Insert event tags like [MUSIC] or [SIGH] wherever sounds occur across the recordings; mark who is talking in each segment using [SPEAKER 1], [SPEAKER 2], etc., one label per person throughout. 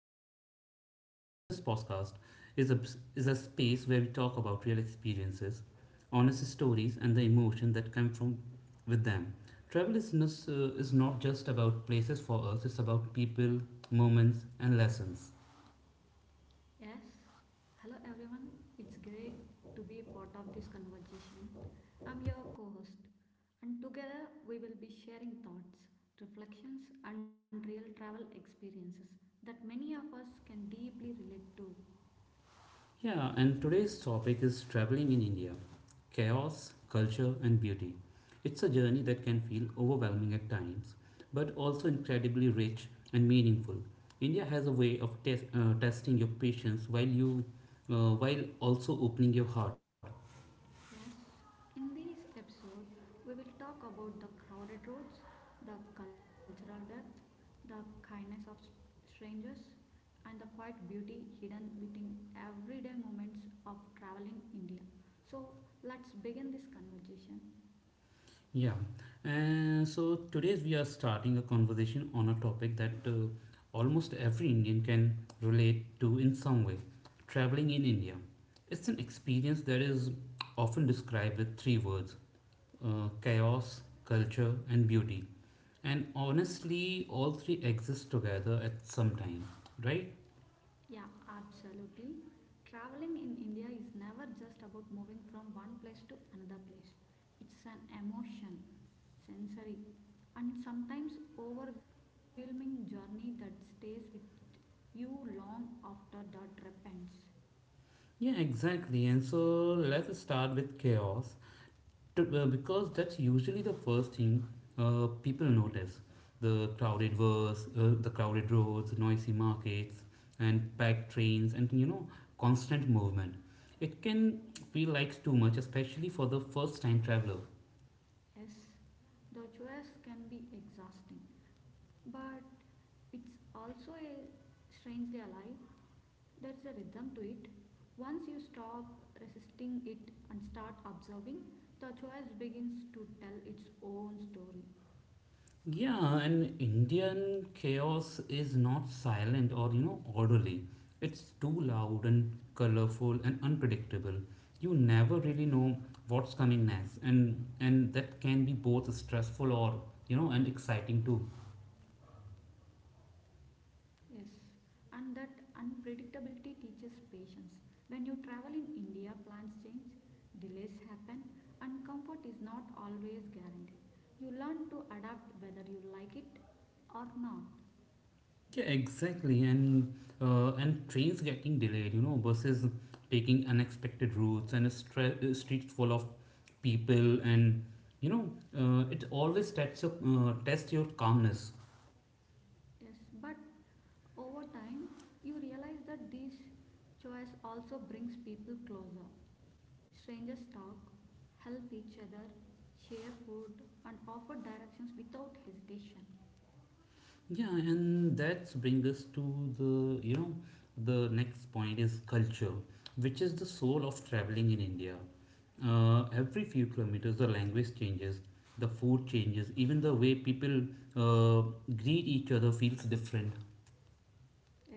[SPEAKER 1] episode. I'm Abhishek, and this podcast is a, is a space where we talk about real experiences, honest stories, and the emotion that come from with them. Travel is not just about places for us, it's about people, moments, and lessons.
[SPEAKER 2] Yes, hello everyone. It's great to be part of this conversation. I'm your co host, and together we will be sharing thoughts, reflections, and real travel experiences that many of us can deeply relate to.
[SPEAKER 1] Yeah, and today's topic is traveling in India, chaos, culture, and beauty. It's a journey that can feel overwhelming at times, but also incredibly rich and meaningful. India has a way of testing your patience while also opening your heart.
[SPEAKER 2] Yes, in this episode, we will talk about the crowded roads, the cultural depth, the kindness of strangers, and the quiet beauty hidden within everyday moments of travel in India. So, let's begin this conversation.
[SPEAKER 1] Yeah, and so today we are starting a conversation on a topic that almost every Indian can relate to in some way, traveling in India. It's an experience that is often described with three words, chaos, culture, and beauty. And honestly, all three exist together at some time, right?
[SPEAKER 2] Yeah, absolutely. Traveling in India is never just about moving from one place to another place. It's an emotion, sensory, and sometimes overwhelming journey that stays with you long after the trip ends.
[SPEAKER 1] Yeah, exactly. And so let's start with chaos, because that's usually the first thing people notice, the the crowded roads, noisy markets, and packed trains, and you know, constant movement. It can feel like too much, especially for the first time traveler.
[SPEAKER 2] Yes, the choice can be exhausting, but it's also a strangely alive. There's a rhythm to it. Once you stop resisting it and start observing, the choice begins to tell its own story.
[SPEAKER 1] Yeah, and Indian chaos is not silent or, you know, orderly. It's too loud and colorful and unpredictable. You never really know what's coming next, and that can be both stressful or, you know, and exciting too.
[SPEAKER 2] Yes, and that unpredictability teaches patience. When you travel in India, plans change, delays happen, and comfort is not always guaranteed. You learn to adapt whether you like it or not.
[SPEAKER 1] Yeah, exactly. And trains getting delayed, you know, buses taking unexpected routes, and a streets full of people, and you know, it always tests your calmness.
[SPEAKER 2] Yes, but over time, you realize that this choice also brings people closer. Strangers talk, help each other, share food, and offer directions without hesitation.
[SPEAKER 1] Yeah, and that brings us to the, you know, the next point is culture, which is the soul of traveling in India. Every few kilometers, the language changes, the food changes, even the way people uh, greet each other feels different.
[SPEAKER 2] Yes,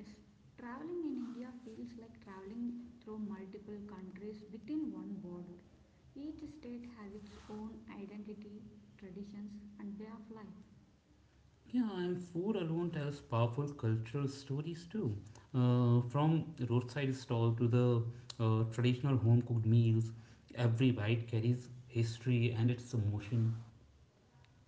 [SPEAKER 2] traveling in India feels like traveling through multiple countries within one border. Each state has its own identity, traditions, and way of life.
[SPEAKER 1] Yeah, and food alone tells powerful cultural stories too. From roadside stall to the traditional home cooked meals, every bite carries history and its emotion.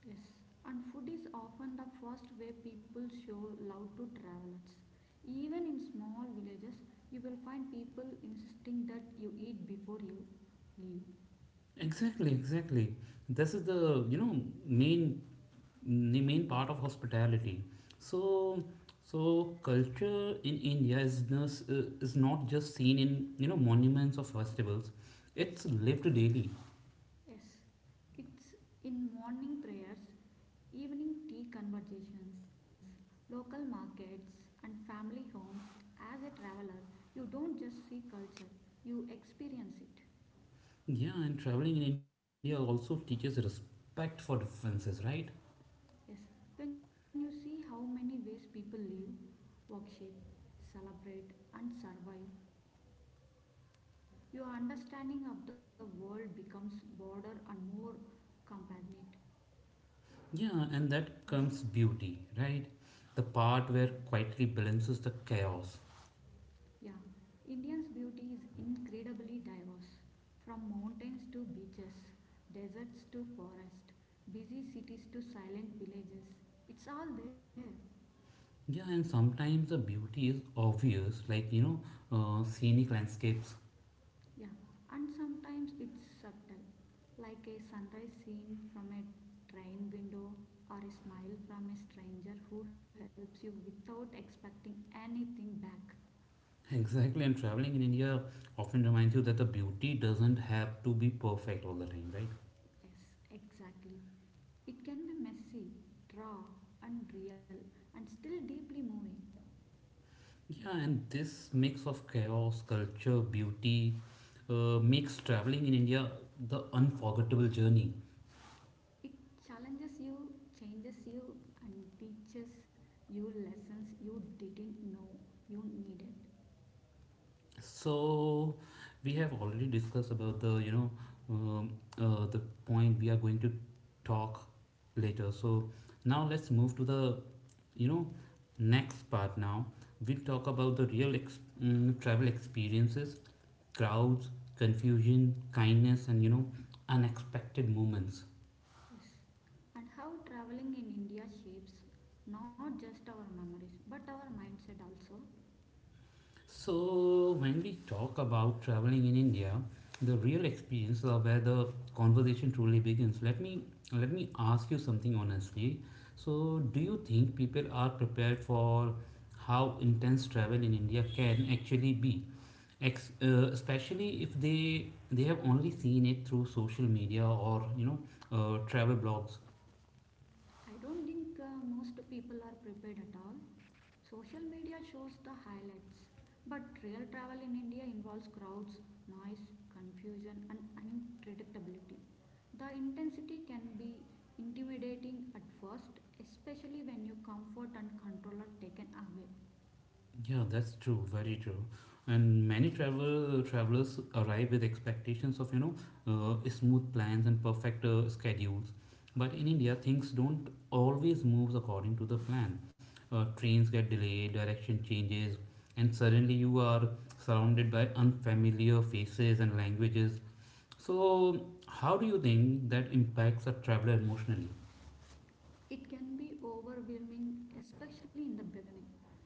[SPEAKER 2] Yes, and food is often the first way people show love to travelers. Even in small villages, you will find people insisting that you eat before you leave.
[SPEAKER 1] Exactly, exactly. This is the you know main main part of hospitality. So so culture in India is is not just seen in you know monuments or festivals. It's lived daily.
[SPEAKER 2] Yes, it's in morning prayers, evening tea conversations, local markets, and family homes. As a traveler, you don't just see culture, you experience it.
[SPEAKER 1] Yeah, and traveling in India also teaches respect for differences, right?
[SPEAKER 2] Yes, when you see how many ways people live, worship, celebrate, and survive, your understanding of the world becomes broader and more compassionate.
[SPEAKER 1] Yeah, and
[SPEAKER 2] Yes,
[SPEAKER 1] that comes beauty, right? The part where
[SPEAKER 2] yes.
[SPEAKER 1] quietly balances the chaos.
[SPEAKER 2] Yeah, India's beauty is incredibly diverse from mountains to beaches, deserts to forest, busy cities to silent villages. It's all there.
[SPEAKER 1] Yeah, and sometimes the beauty is obvious, like you know, scenic landscapes.
[SPEAKER 2] Yeah, and sometimes it's subtle, like a sunrise scene from a train window or a smile from a stranger who helps you without expecting anything back.
[SPEAKER 1] Exactly, and traveling in India often reminds you that the beauty doesn't have to be perfect all the time, right?
[SPEAKER 2] Yes, exactly. It can be messy, raw, and real, and still deeply moving.
[SPEAKER 1] Yeah, and this mix of chaos, culture, beauty makes traveling in India the unforgettable journey.
[SPEAKER 2] It challenges you, changes you, and teaches you lessons you didn't know you needed.
[SPEAKER 1] So we have already discussed about the you know um, the point we are going to talk later. So now let's move to the you know next part. Now we'll talk about the travel experiences, crowds, confusion, kindness, and you know, unexpected moments.
[SPEAKER 2] Yes. And how traveling in India shapes not just our memories but our mindset also.
[SPEAKER 1] So, when we talk about traveling in India, the real experience are where the conversation truly begins. Let me ask you something honestly. So, do you think people are prepared for how intense travel in India can actually be? Especially if they have only seen it through social media or you know travel blogs.
[SPEAKER 2] I don't think most people are prepared at all. Social media shows the highlights, but real travel in India involves crowds, noise, confusion, and unpredictability. The intensity can be intimidating at first, especially when your comfort and control are taken away.
[SPEAKER 1] Yeah, that's true, very true. And many travelers arrive with expectations of you know smooth plans and perfect schedules, but in India things don't always move according to the plan. Trains get delayed, direction changes, and suddenly you are surrounded by unfamiliar faces and languages. So, how do you think that impacts a traveler emotionally?
[SPEAKER 2] It can be overwhelming, especially in the beginning.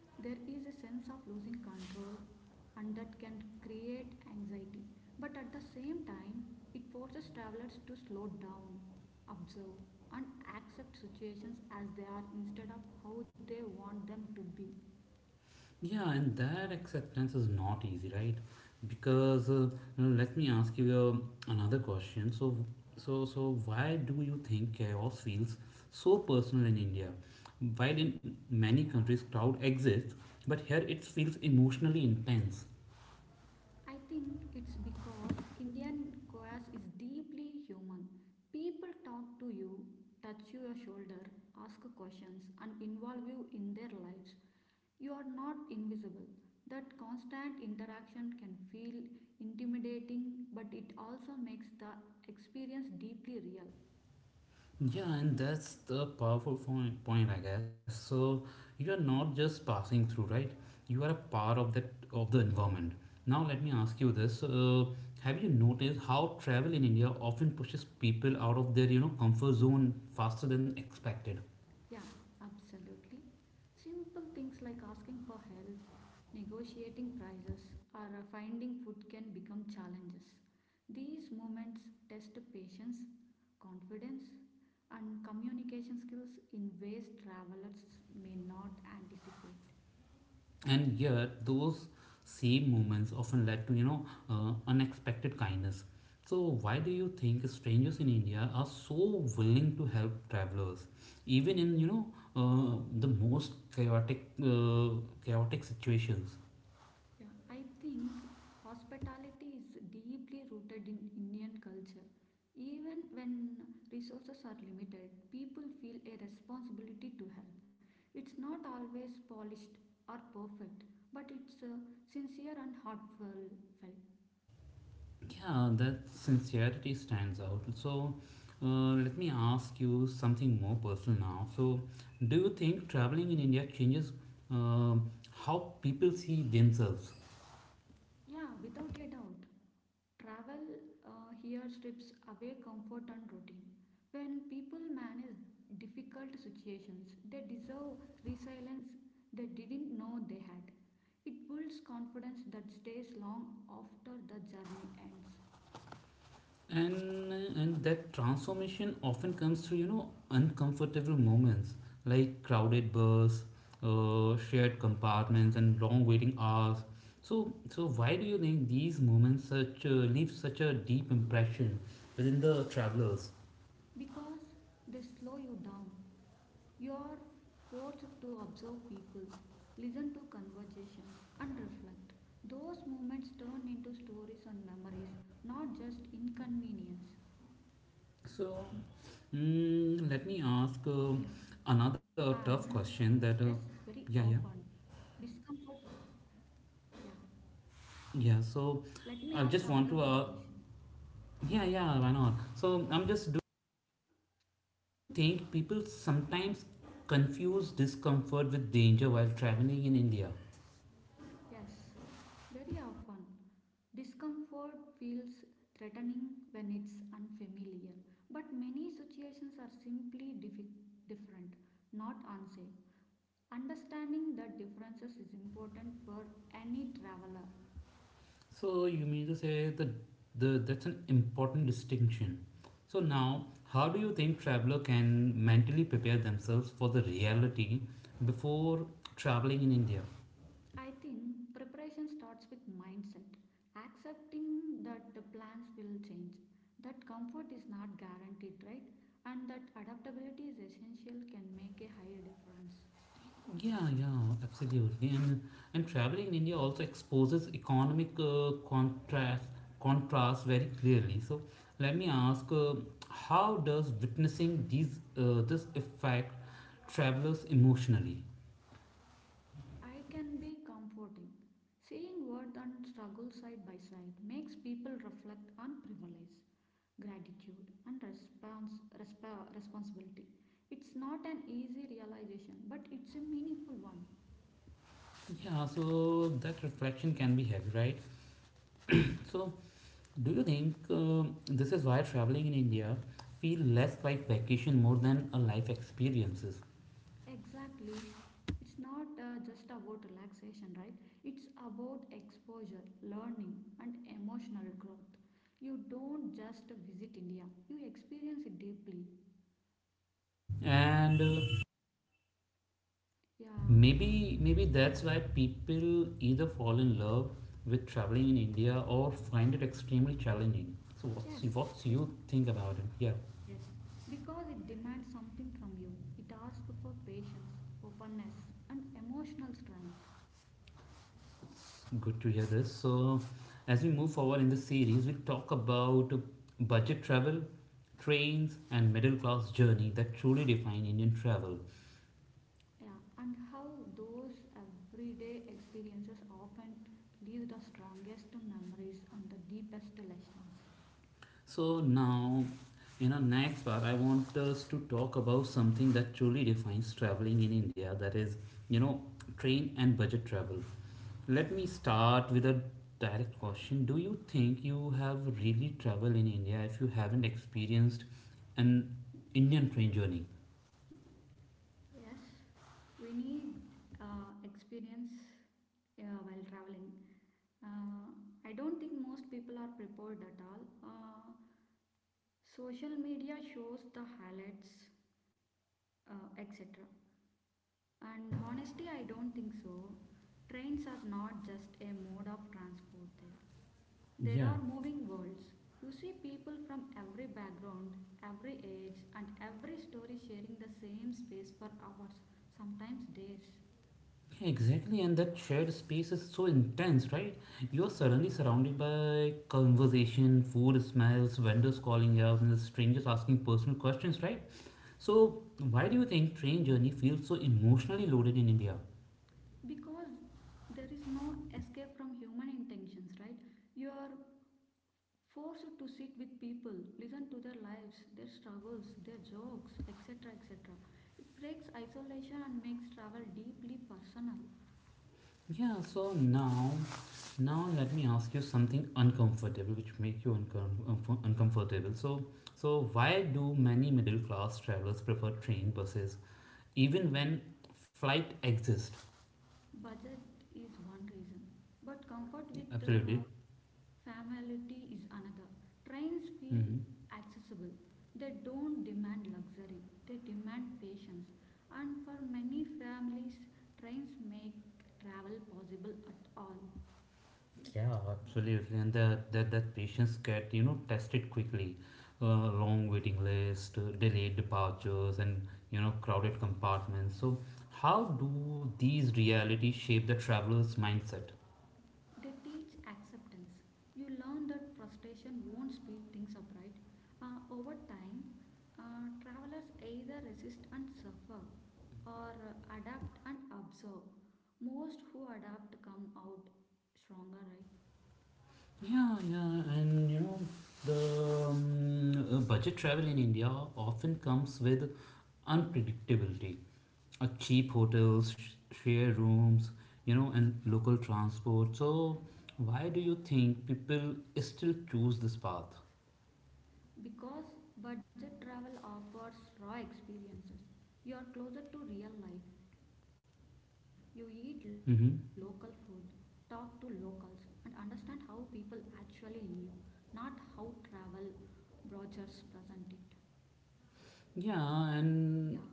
[SPEAKER 2] There is a sense of losing control, and that can create anxiety. But at the same time, it forces travelers to slow down, observe, and accept situations as they are instead of how they want them to be.
[SPEAKER 1] Yeah, and that acceptance is not easy, right? Because Now let me ask you another question. So, why do you think chaos feels so personal in India? While in many countries, crowd exists, but here it feels emotionally intense.
[SPEAKER 2] I think it's because Indian chaos is deeply human. People talk to you, touch your shoulder, ask questions, and involve you in their lives. You are not invisible. That constant interaction can feel intimidating, but it also makes the experience deeply real.
[SPEAKER 1] Yeah, and that's the powerful point, I guess. So you are not just passing through, right? You are a part of that of the environment. Now let me ask you this: Have you noticed how travel in India often pushes people out of their you know comfort zone faster than expected?
[SPEAKER 2] Yeah, absolutely. Simple things like asking for help, negotiating prices, or finding food can become challenges. These moments test patience, confidence, and communication skills in ways travelers may not anticipate.
[SPEAKER 1] And yet those same moments often led to you know unexpected kindness. So why do you think strangers in India are so willing to help travelers even in you know the most chaotic situations?
[SPEAKER 2] Yeah, I think hospitality is deeply rooted in Indian culture. Even when resources are limited, people feel a responsibility to help. It's not always polished or perfect, but it's sincere and heartfelt.
[SPEAKER 1] Yeah, that sincerity stands out. So let me ask you something more personal now. So do you think traveling in India changes uh, how people see themselves?
[SPEAKER 2] Yeah, without a doubt. Travel here strips away comfort and routine. When people manage difficult situations, they deserve resilience they didn't know they had. It builds confidence that stays long after the journey ends
[SPEAKER 1] and and that transformation often comes through you know uncomfortable moments, like crowded bus, shared compartments, and long waiting hours. So why do you think these moments such leave such a deep impression within the travelers?
[SPEAKER 2] because they slow you down. You are forced to observe people, listen to conversations, and reflect. Those moments turn into stories and memories, not just inconvenience.
[SPEAKER 1] So
[SPEAKER 2] Yeah,
[SPEAKER 1] let me ask
[SPEAKER 2] and yes,
[SPEAKER 1] another
[SPEAKER 2] very
[SPEAKER 1] tough
[SPEAKER 2] often
[SPEAKER 1] question that yeah
[SPEAKER 2] discomfort.
[SPEAKER 1] yeah
[SPEAKER 2] Yeah,
[SPEAKER 1] yeah
[SPEAKER 2] let
[SPEAKER 1] so
[SPEAKER 2] me ask
[SPEAKER 1] I
[SPEAKER 2] another
[SPEAKER 1] just
[SPEAKER 2] tough
[SPEAKER 1] want to
[SPEAKER 2] question.
[SPEAKER 1] yeah why not. So I'm just, do you think people sometimes confuse discomfort with danger while traveling in India?
[SPEAKER 2] Yes, very often. Discomfort feels threatening when it's unfamiliar, but many situations are simply different, not unsafe. Understanding the differences is important for any traveler.
[SPEAKER 1] So you mean to say that the that's an important distinction. So now, how do you think traveler can mentally prepare themselves for the reality before traveling in India?
[SPEAKER 2] I think preparation starts with mindset, accepting that the plans will change, that comfort is not guaranteed, right? And that adaptability is essential can make a higher difference.
[SPEAKER 1] Yeah, yeah, absolutely. And traveling in India also exposes economic contrast very clearly. So let me ask, how does witnessing these this affect travelers emotionally?
[SPEAKER 2] I can be comforting. Seeing worth and struggle side by side makes people reflect on privilege, gratitude, and responsibility. It's not an easy realization, but it's a meaningful one.
[SPEAKER 1] Yeah, so that reflection can be heavy, right? So do you think um this is why traveling in India feel less like vacation more than a life experiences?
[SPEAKER 2] Exactly. It's not just about relaxation, right? It's about exposure, learning, and emotional growth. You don't just visit India, you experience it deeply.
[SPEAKER 1] And
[SPEAKER 2] Yeah.
[SPEAKER 1] Maybe maybe that's why people either fall in love with traveling in India or find it extremely challenging. So what's
[SPEAKER 2] Yes.
[SPEAKER 1] what's
[SPEAKER 2] Be-
[SPEAKER 1] you think about it? Yeah,
[SPEAKER 2] Yes, because it demands something from you. It asks for patience, openness, and emotional strength.
[SPEAKER 1] good to hear this. So as we move forward in the series, we talk about budget travel, trains, and middle class journey that truly define Indian travel.
[SPEAKER 2] Yeah, and how those everyday experiences often leave the strongest memories and the deepest lessons.
[SPEAKER 1] So now, in our next part, I want us to talk about something that truly defines traveling in India. That is, you know, train and budget travel. Let me start with a direct question. Do you think you have really traveled in India if you haven't experienced an Indian train journey?
[SPEAKER 2] Yes, we need experience while traveling. Uh, I don't think most people are prepared at all. Social media shows the highlights, etc.
[SPEAKER 1] Hmm.
[SPEAKER 2] And honestly, I don't think so. Trains are not just a mode of transport there. There
[SPEAKER 1] Yeah.
[SPEAKER 2] are moving worlds. You see people from every background, every age, and every story sharing the same space for hours, sometimes days.
[SPEAKER 1] Exactly, and that shared space is so intense, right? You're suddenly surrounded by conversation, food smells, vendors calling out, and strangers asking personal questions, right? So, why do you think train journey feels so emotionally loaded in India?
[SPEAKER 2] Because there is no escape from human intentions, right? You are forced to sit with people, listen to their lives, their struggles, their jokes, etc. etc. It breaks isolation and makes travel deeply personal.
[SPEAKER 1] Yeah, so now, now let me ask you something uncomfortable, which make you uncomfortable. So, so why do many middle class travelers prefer train buses, even when flight exists?
[SPEAKER 2] Budget is one reason, but comfort
[SPEAKER 1] Yeah,
[SPEAKER 2] with
[SPEAKER 1] absolutely.
[SPEAKER 2] familiarity is another. Trains feel
[SPEAKER 1] Mm-hmm.
[SPEAKER 2] accessible, they don't demand luxury, they demand patience. And for many families, trains make travel possible at all.
[SPEAKER 1] Yeah, absolutely, and that patients get you know tested quickly, long waiting list, delayed departures, and you know crowded compartments. So, how do these realities shape the traveler's mindset?
[SPEAKER 2] They teach acceptance. You learn that frustration won't speed things up, right? Over time, travelers either resist and suffer or adapt and observe. Most who adapt come out stronger, right?
[SPEAKER 1] Yeah, yeah, and you know the budget travel in India often comes with unpredictability. Cheap hotels, share rooms, you know, and local transport. So, why do you think people still choose this path?
[SPEAKER 2] Because budget travel offers raw experiences. You are closer to real life. You eat local food, talk to
[SPEAKER 1] Hmm.
[SPEAKER 2] locals, and understand how people actually live, not how travel brochures present it. Yeah,
[SPEAKER 1] Yeah, and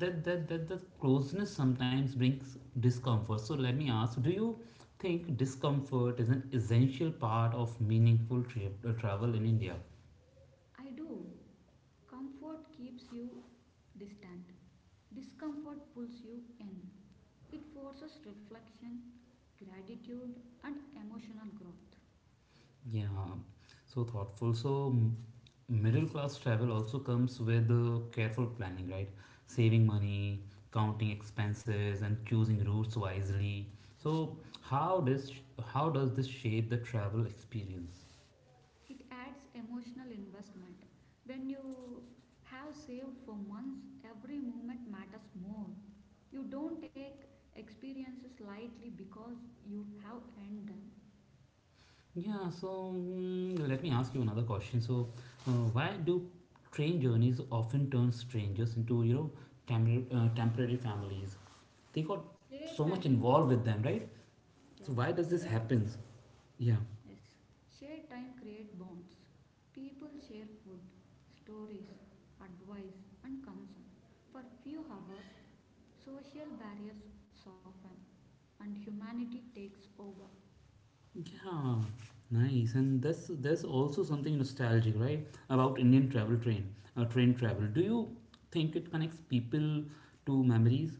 [SPEAKER 1] that the closeness sometimes brings discomfort. So let me ask, do you think discomfort is an essential part of meaningful trip travel in India?
[SPEAKER 2] I do. Comfort keeps you distant, discomfort pulls you in. It forces reflection, gratitude, and emotional growth.
[SPEAKER 1] Yeah, so thoughtful. So, middle class travel also comes with careful planning, right? Saving money, counting expenses, and choosing routes wisely. So, how does how does this shape the travel experience?
[SPEAKER 2] It adds emotional investment. When you have saved for months, every moment matters more. You don't take experiences lightly because you have earned them.
[SPEAKER 1] Yeah, so let me ask you another question. So, why do train journeys often turn strangers into you know temporary families? They got
[SPEAKER 2] Share
[SPEAKER 1] so much involved
[SPEAKER 2] time,
[SPEAKER 1] with them, right? So
[SPEAKER 2] yeah,
[SPEAKER 1] why does this
[SPEAKER 2] share,
[SPEAKER 1] happens? Yeah.
[SPEAKER 2] yes, share time create bonds. People share food, stories, advice, and concern. For few hours, social barriers soften and humanity takes over.
[SPEAKER 1] Yeah, nice. And that's there's also something nostalgic, right, about Indian train travel. Do you think it connects people to memories?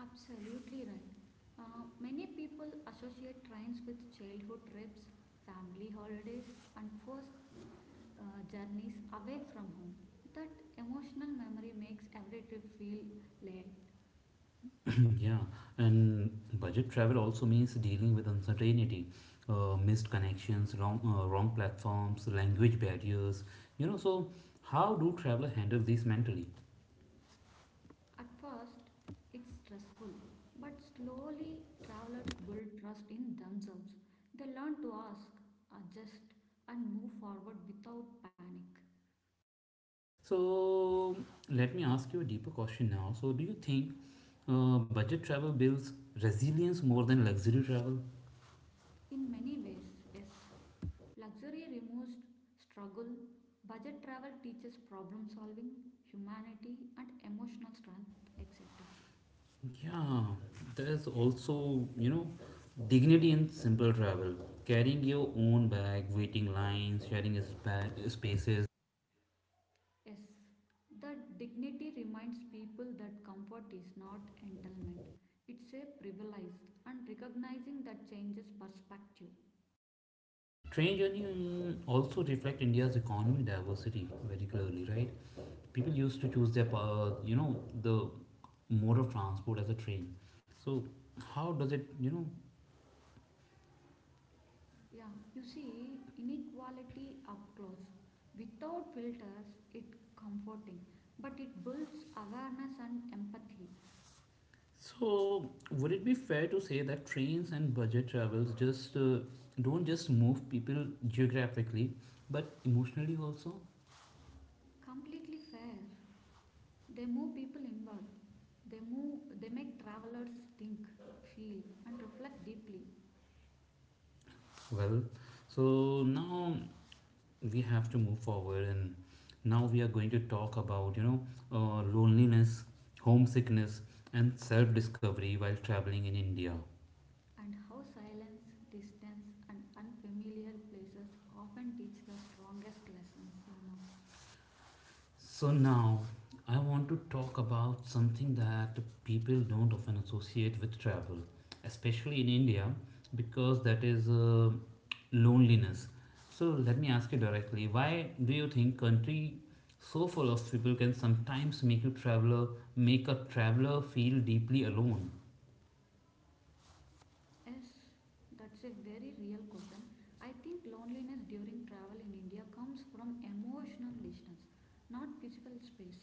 [SPEAKER 2] Absolutely right. Many people associate trains with childhood trips, family holidays, and first journeys away from home. That emotional memory makes every trip feel late.
[SPEAKER 1] [CLEARS THROAT] Yeah, and budget travel also means dealing with uncertainty, missed connections, wrong platforms, language barriers. You know, so how do traveler handle these mentally?
[SPEAKER 2] At first, it's stressful, but slowly travelers build trust in themselves. They learn to ask, adjust, and move forward without panic.
[SPEAKER 1] So let me ask you a deeper question now. So do you think budget travel builds resilience more than luxury travel?
[SPEAKER 2] In many ways, yes. Luxury removes struggle, budget travel teaches problem solving, humanity, and emotional strength, etc.
[SPEAKER 1] Yeah, there's also, you know, dignity in simple travel. Carrying your own bag, waiting lines, sharing spaces.
[SPEAKER 2] Yes, that dignity reminds people that comfort is not entitlement, it's a privilege, and recognizing that changes perspective.
[SPEAKER 1] Train journey also reflect India's economy diversity very clearly, right? People used to choose their the mode of transport as a train. So how does it, you know?
[SPEAKER 2] Yeah, you see inequality up close. Without filters, it comforting, but it builds awareness and empathy.
[SPEAKER 1] So would it be fair to say that trains and budget travels just don't just move people geographically, but emotionally also?
[SPEAKER 2] Completely fair. They move people inward. They move they make travelers think, feel and reflect deeply.
[SPEAKER 1] Well, so now we have to move forward, and now we are going to talk about you know loneliness, homesickness, and self-discovery while traveling in India.
[SPEAKER 2] And how silence, distance and unfamiliar places often teach the strongest lessons, you know.
[SPEAKER 1] So now I want to talk about something that people don't often associate with travel, especially in India, because that is loneliness. So let me ask you directly, why do you think country so full of people can sometimes make you traveler make a traveler feel deeply alone?
[SPEAKER 2] Yes, that's a very real question. I think loneliness during travel in India comes from emotional distance, not physical space.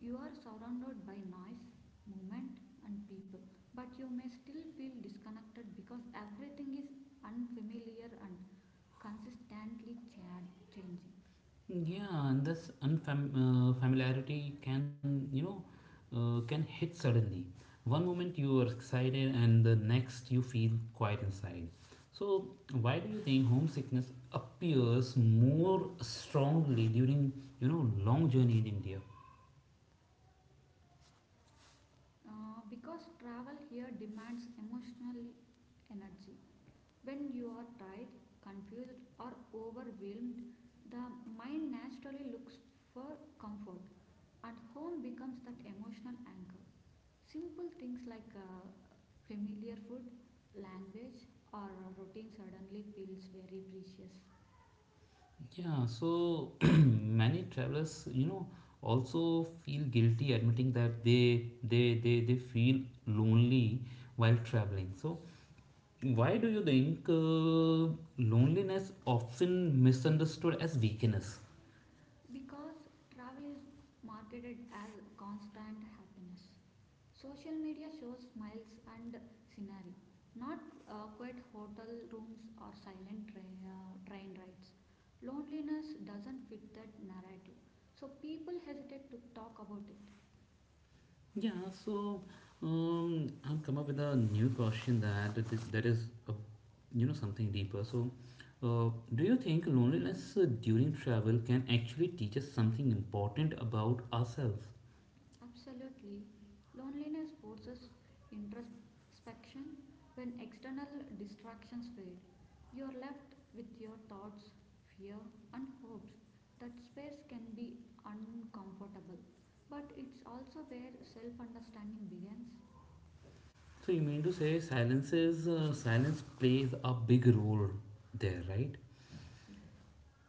[SPEAKER 2] You are surrounded by noise, movement, and people, but you may still feel disconnected because everything is unfamiliar and consistently changing.
[SPEAKER 1] Yeah, and this familiarity can can hit suddenly. One moment you are excited, and the next you feel quiet inside. So why do you think homesickness appears more strongly during long journey in India?
[SPEAKER 2] Because travel here demands emotional energy. When you are tired, confused, or overwhelmed, the mind naturally looks for comfort, and home becomes that emotional anchor. Simple things like familiar food, language, or routine suddenly feels very precious.
[SPEAKER 1] Yeah, so [CLEARS THROAT] many travelers, also feel guilty admitting that they feel lonely while traveling. So why do you think loneliness often misunderstood as weakness?
[SPEAKER 2] Because travel is marketed as constant happiness. Social media shows smiles and scenery, not quiet hotel rooms or silent train rides. Loneliness doesn't fit that narrative, so people hesitate to talk about it.
[SPEAKER 1] Yeah, so I've come up with a new question that that is a, you know something deeper. So, do you think loneliness during travel can actually teach us something important about ourselves?
[SPEAKER 2] Absolutely. Loneliness forces introspection when external distractions fade. You are left with your thoughts, fear, and hopes. That space can be uncomfortable, but it's also where self understanding begins.
[SPEAKER 1] So you mean to say silence plays a big role there, right?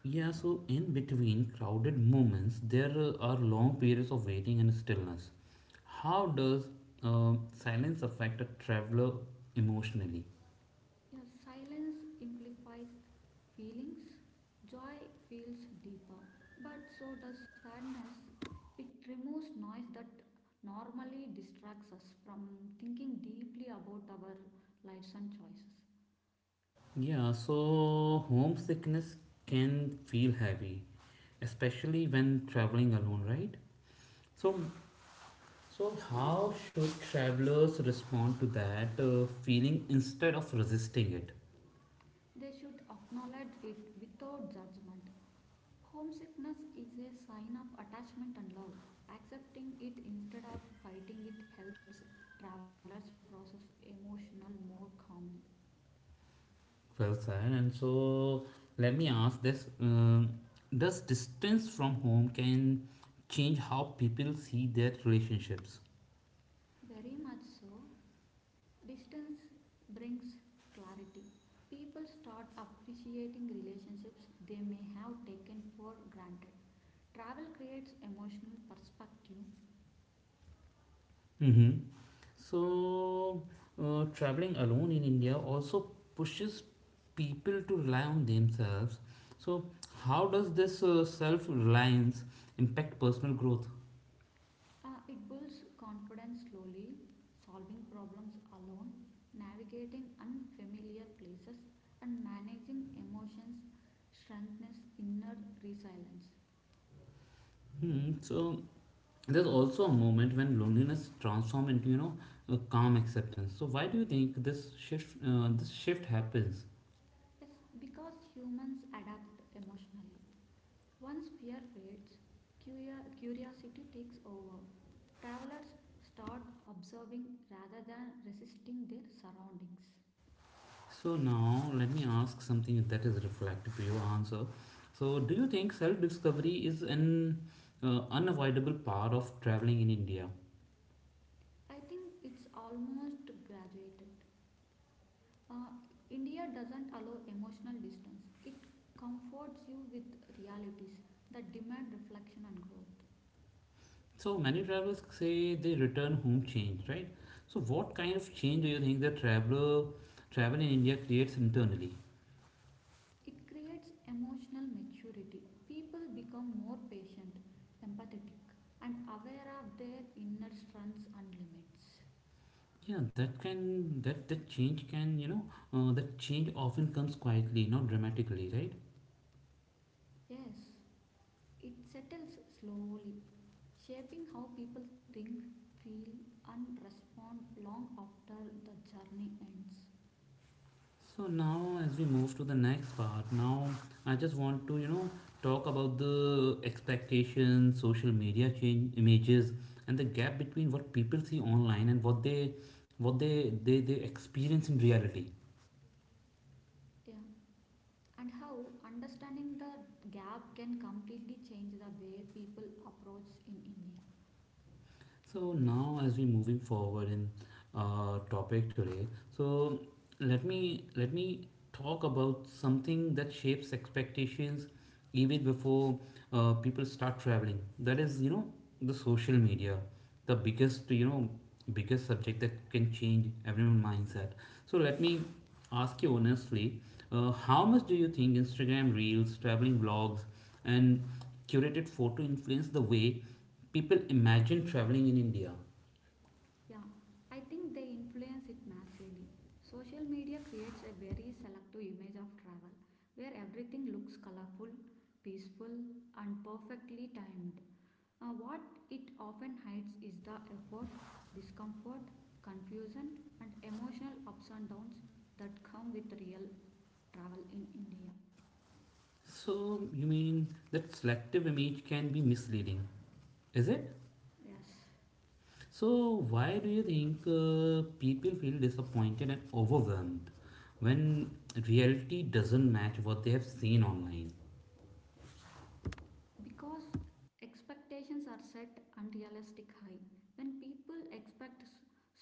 [SPEAKER 1] Yeah. So in between crowded moments, there are long periods of waiting and stillness. How does silence affect a traveler emotionally?
[SPEAKER 2] Yeah, silence amplifies feelings. Joy feels deeper, but so does sadness. It removes noise that normally distracts us from thinking deeply about our lives and choices.
[SPEAKER 1] Yeah. So homesickness can feel heavy, especially when traveling alone, right? So,
[SPEAKER 2] Yeah.
[SPEAKER 1] so how should travelers respond to that feeling instead of resisting it?
[SPEAKER 2] They should acknowledge it without judgment. Homesickness is a sign of attachment and love. Accepting it instead of fighting it helps travelers process emotional more calmly.
[SPEAKER 1] Well said. And so let me ask this: does distance from home can change how people see their relationships?
[SPEAKER 2] Very much so. Distance brings clarity. People start appreciating relationships they may have taken for granted. Travel creates emotional perspective.
[SPEAKER 1] Mm-hmm. So traveling alone in India also pushes people to rely on themselves. So how does this self-reliance impact personal growth?
[SPEAKER 2] It builds confidence slowly, solving problems alone, navigating unfamiliar places, and managing emotions strengthens inner resilience.
[SPEAKER 1] Hmm. So there's also a moment when loneliness transforms into a calm acceptance. So why do you think this shift happens?
[SPEAKER 2] It's because humans adapt emotionally. Once fear fades, curiosity takes over. Travelers start observing rather than resisting their surroundings.
[SPEAKER 1] So now let me ask something that is reflective to your answer. So do you think self discovery is an unavoidable part of traveling in India?
[SPEAKER 2] I think it's almost graduated. Uh, India doesn't allow emotional distance, it comforts you with realities that demand reflection and growth.
[SPEAKER 1] So many travelers say they return home changed, right? So what kind of change do you think the traveler travel in India creates internally?
[SPEAKER 2] It creates emotional maturity. People become more patient, empathetic, and aware of their inner strengths and limits.
[SPEAKER 1] Yeah, that change can that change often comes quietly, not dramatically, right?
[SPEAKER 2] Yes, it settles slowly, shaping how people think, feel, and respond long after the journey ends.
[SPEAKER 1] So now, as we move to the next part, now I just want to talk about the expectations, social media change images, and the gap between what people see online and what they experience in reality.
[SPEAKER 2] Yeah, and how understanding the gap can completely change the way people approach in India.
[SPEAKER 1] So now, as we're moving forward in our topic today, so let me talk about something that shapes expectations even before people start traveling. That is, you know, the social media, the biggest you know biggest subject that can change everyone's mindset. So let me ask you honestly, how much do you think Instagram reels, traveling vlogs, and curated photo influenced the way people imagine traveling in India.
[SPEAKER 2] Yeah, I think they influence it massively. Social media creates a very selective image of travel where everything looks colorful, peaceful, and perfectly timed. What it often hides is the effort, discomfort, confusion, and emotional ups and downs that come with real travel in India.
[SPEAKER 1] So, you mean that selective image can be misleading, is it?
[SPEAKER 2] Yes.
[SPEAKER 1] So, why do you think people feel disappointed and overwhelmed when reality doesn't match what they have seen online?
[SPEAKER 2] Because expectations are set unrealistic high. When people expect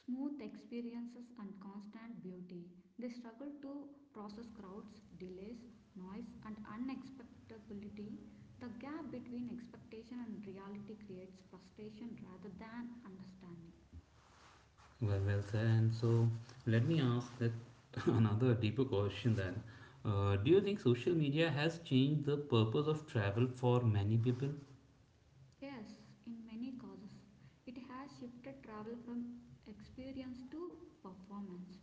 [SPEAKER 2] smooth experiences and constant beauty, they struggle to process crowds, delays, noise, and unexpectability. The gap between expectation and reality creates frustration rather than understanding.
[SPEAKER 1] Well said. And so, let me ask that [LAUGHS] another deeper question then. Do you think social media has changed the purpose of travel for many people?
[SPEAKER 2] Yes, in many causes, it has shifted travel from experience to performance.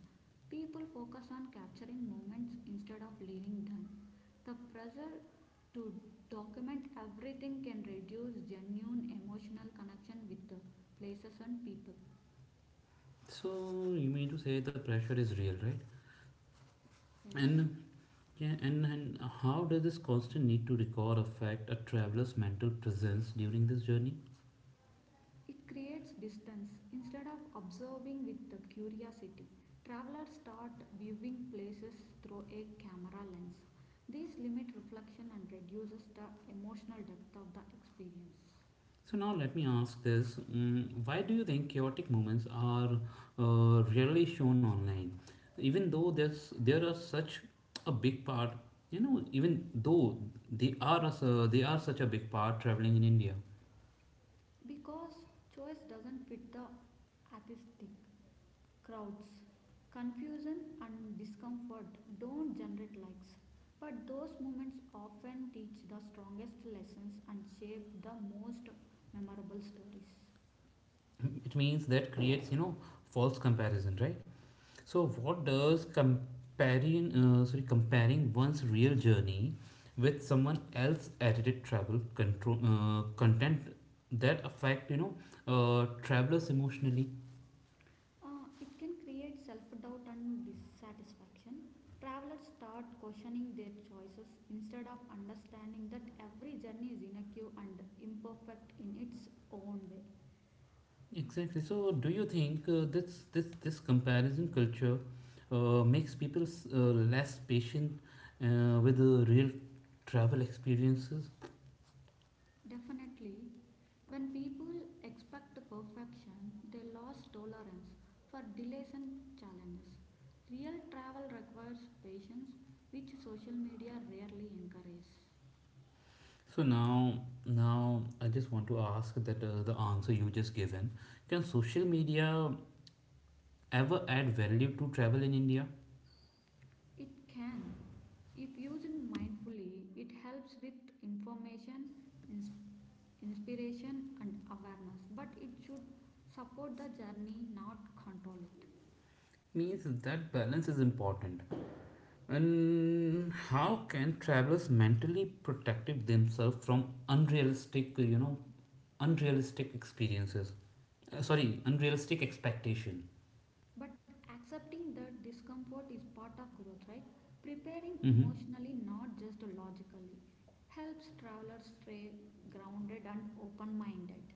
[SPEAKER 2] People focus on capturing moments instead of living them. The pressure to document everything can reduce genuine emotional connection with the places and people.
[SPEAKER 1] So you mean to say the pressure is real, right?
[SPEAKER 2] Yes,
[SPEAKER 1] And yeah, and how does this constant need to record affect a traveler's mental presence during this journey?
[SPEAKER 2] it creates distance instead of observing with the curiosity. Travelers start viewing places through a camera lens. These limit reflection and reduces the emotional depth of the experience.
[SPEAKER 1] So now let me ask this: why do you think chaotic moments are rarely shown online, even though there's there are such a big part? You know, even though they are such a big part traveling in India,
[SPEAKER 2] Because choice doesn't fit the atheistic crowds, confusion and discomfort don't generate likes. But those moments often teach the strongest lessons and shape the most memorable stories.
[SPEAKER 1] it means that creates false comparison, right? So, what does comparing, comparing one's real journey with someone else edited travel control content that affect travelers emotionally?
[SPEAKER 2] It can create self doubt and dissatisfaction. Travelers start questioning their choices instead of understanding that every journey is unique and imperfect in its own way.
[SPEAKER 1] Exactly. So, do you think this comparison culture makes people less patient with the real travel experiences?
[SPEAKER 2] Definitely, when people expect perfection, they lose tolerance for delays and challenges. Real travel requires patience, which social media rarely encourages.
[SPEAKER 1] So now, now I just want to ask that the answer you just given, can social media ever add value to travel in India?
[SPEAKER 2] It can. If used mindfully, it helps with information, ins- inspiration, and awareness. But it should support the journey, not control it.
[SPEAKER 1] Means that balance is important. And how can travelers mentally protect themselves from unrealistic experiences? Unrealistic expectation.
[SPEAKER 2] But accepting that discomfort is part of growth, right? Preparing
[SPEAKER 1] Mm-hmm.
[SPEAKER 2] emotionally, not just logically, helps travelers stay grounded and open minded.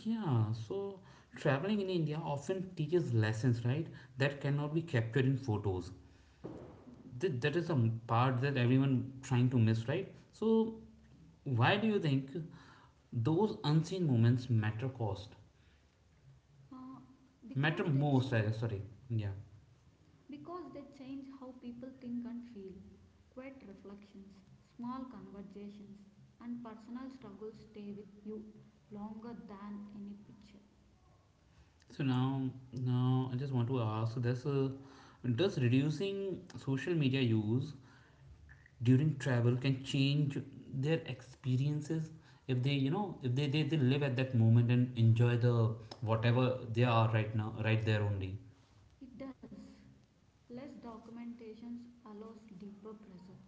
[SPEAKER 1] Yeah, so traveling in India often teaches lessons, right? That cannot be captured in photos. Th- that is a part that everyone trying to miss, right? So why do you think those unseen moments
[SPEAKER 2] Uh, because
[SPEAKER 1] matter
[SPEAKER 2] they
[SPEAKER 1] most, I
[SPEAKER 2] change
[SPEAKER 1] guess, sorry. Yeah,
[SPEAKER 2] because they change how people think and feel. Quiet reflections, small conversations, and personal struggles stay with you longer than any picture.
[SPEAKER 1] so now, now I just want to ask this, does reducing social media use during travel can change their experiences if they they live at that moment and enjoy the whatever they are right now right there only.
[SPEAKER 2] It does. Less documentations allows deeper pressure.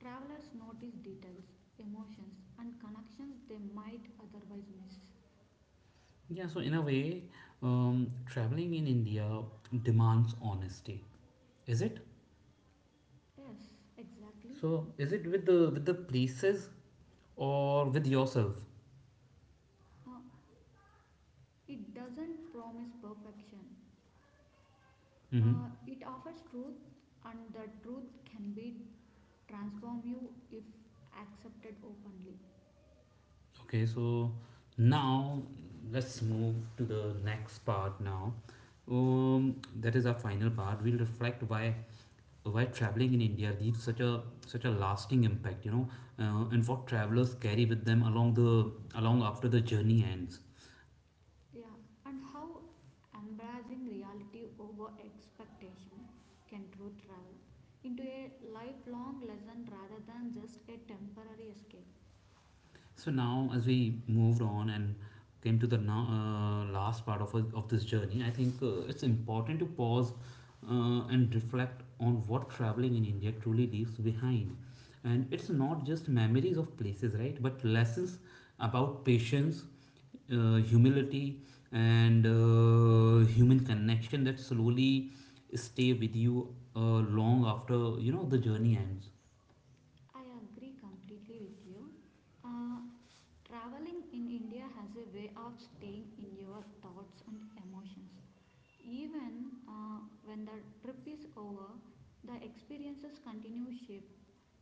[SPEAKER 2] Travelers notice details, emotions, and connections they might otherwise miss.
[SPEAKER 1] Yeah, so in a way, traveling in India demands honesty, is it?
[SPEAKER 2] Yes, exactly.
[SPEAKER 1] So is it with the places or with yourself?
[SPEAKER 2] Uh, it doesn't promise perfection.
[SPEAKER 1] Hmm.
[SPEAKER 2] It offers truth, and the truth can be transform you if accepted openly.
[SPEAKER 1] Okay, so now let's move to the next part now. That is our final part. We'll reflect why traveling in India leaves such a such a lasting impact, you know, and what travelers carry with them along the along after the journey ends.
[SPEAKER 2] Yeah, and how embracing reality over expectation can truth travel into a lifelong lesson rather than just a temporary escape.
[SPEAKER 1] So now, as we moved on and came to the now, last part of this journey, I think it's important to pause and reflect on what traveling in India truly leaves behind. And it's not just memories of places, right? But lessons about patience, humility, and human connection that slowly stay with you long after the journey ends.
[SPEAKER 2] I agree completely with you. Uh, traveling in India has a way of staying in your thoughts and emotions. Even when the trip is over, the experiences continue shape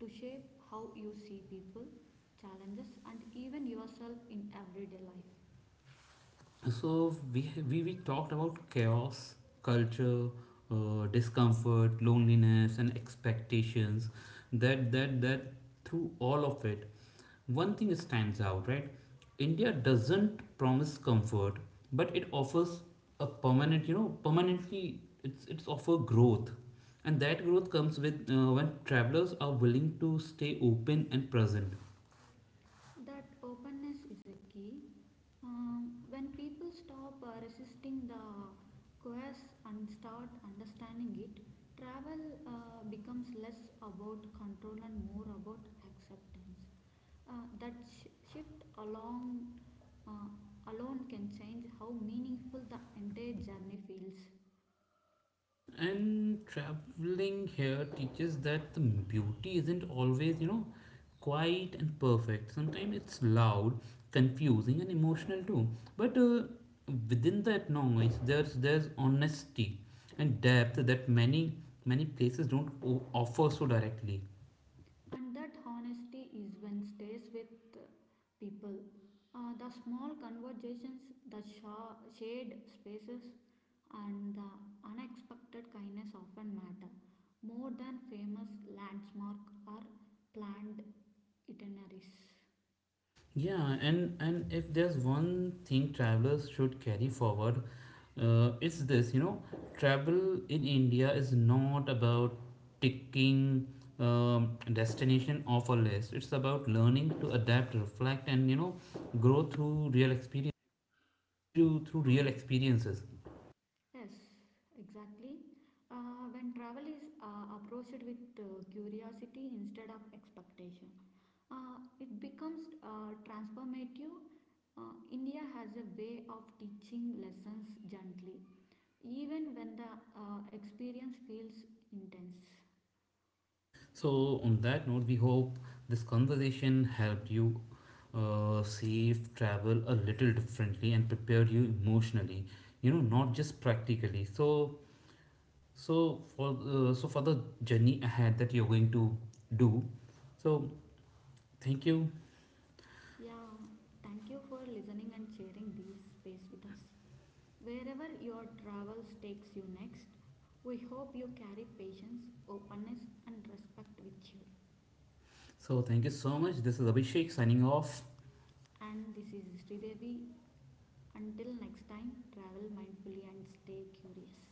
[SPEAKER 2] to shape how you see people, challenges, and even yourself in everyday life.
[SPEAKER 1] So we talked about chaos, culture, discomfort, loneliness, and expectations. That that that Through all of it, one thing stands out, right? India doesn't promise comfort, but it offers a permanent, you know, permanently it's offer growth, and that growth comes with when travelers are willing to stay open and present.
[SPEAKER 2] That openness is a key. When people stop resisting the coerce and start understanding it, travel becomes less about control and more about acceptance. That shift along, uh, alone can change how meaningful the entire journey feels.
[SPEAKER 1] And traveling here teaches that the beauty isn't always, you know, quiet and perfect. Sometimes it's loud, confusing, and emotional too. But within that noise, there's honesty and depth that many places don't offer so directly.
[SPEAKER 2] And that honesty is when stays with uh, people. The small conversations, the shared spaces, and the unexpected kindness often matter more than famous landmark or planned itineraries.
[SPEAKER 1] Yeah, and if there's one thing travelers should carry forward, it's this, you know, travel in India is not about ticking destination off a list. It's about learning to adapt, reflect, and you know, grow through real experience through through
[SPEAKER 2] Yeah.
[SPEAKER 1] real experiences.
[SPEAKER 2] Yes, exactly. When travel is approached with curiosity instead of expectation, it becomes transformative. India has a way of teaching lessons gently, even when the experience feels intense.
[SPEAKER 1] So, on that note, we hope this conversation helped you save travel a little differently and prepared you emotionally. You know, not just practically. So, so for the journey ahead that you're going to do. So, thank you.
[SPEAKER 2] Yeah, thank you for listening and sharing this space with us. Wherever your travels takes you next, we hope you carry patience, openness and respect with you.
[SPEAKER 1] So, thank you so much. This is Abhishek signing off.
[SPEAKER 2] And this is Sridevi. Until next time, travel mindfully and stay curious.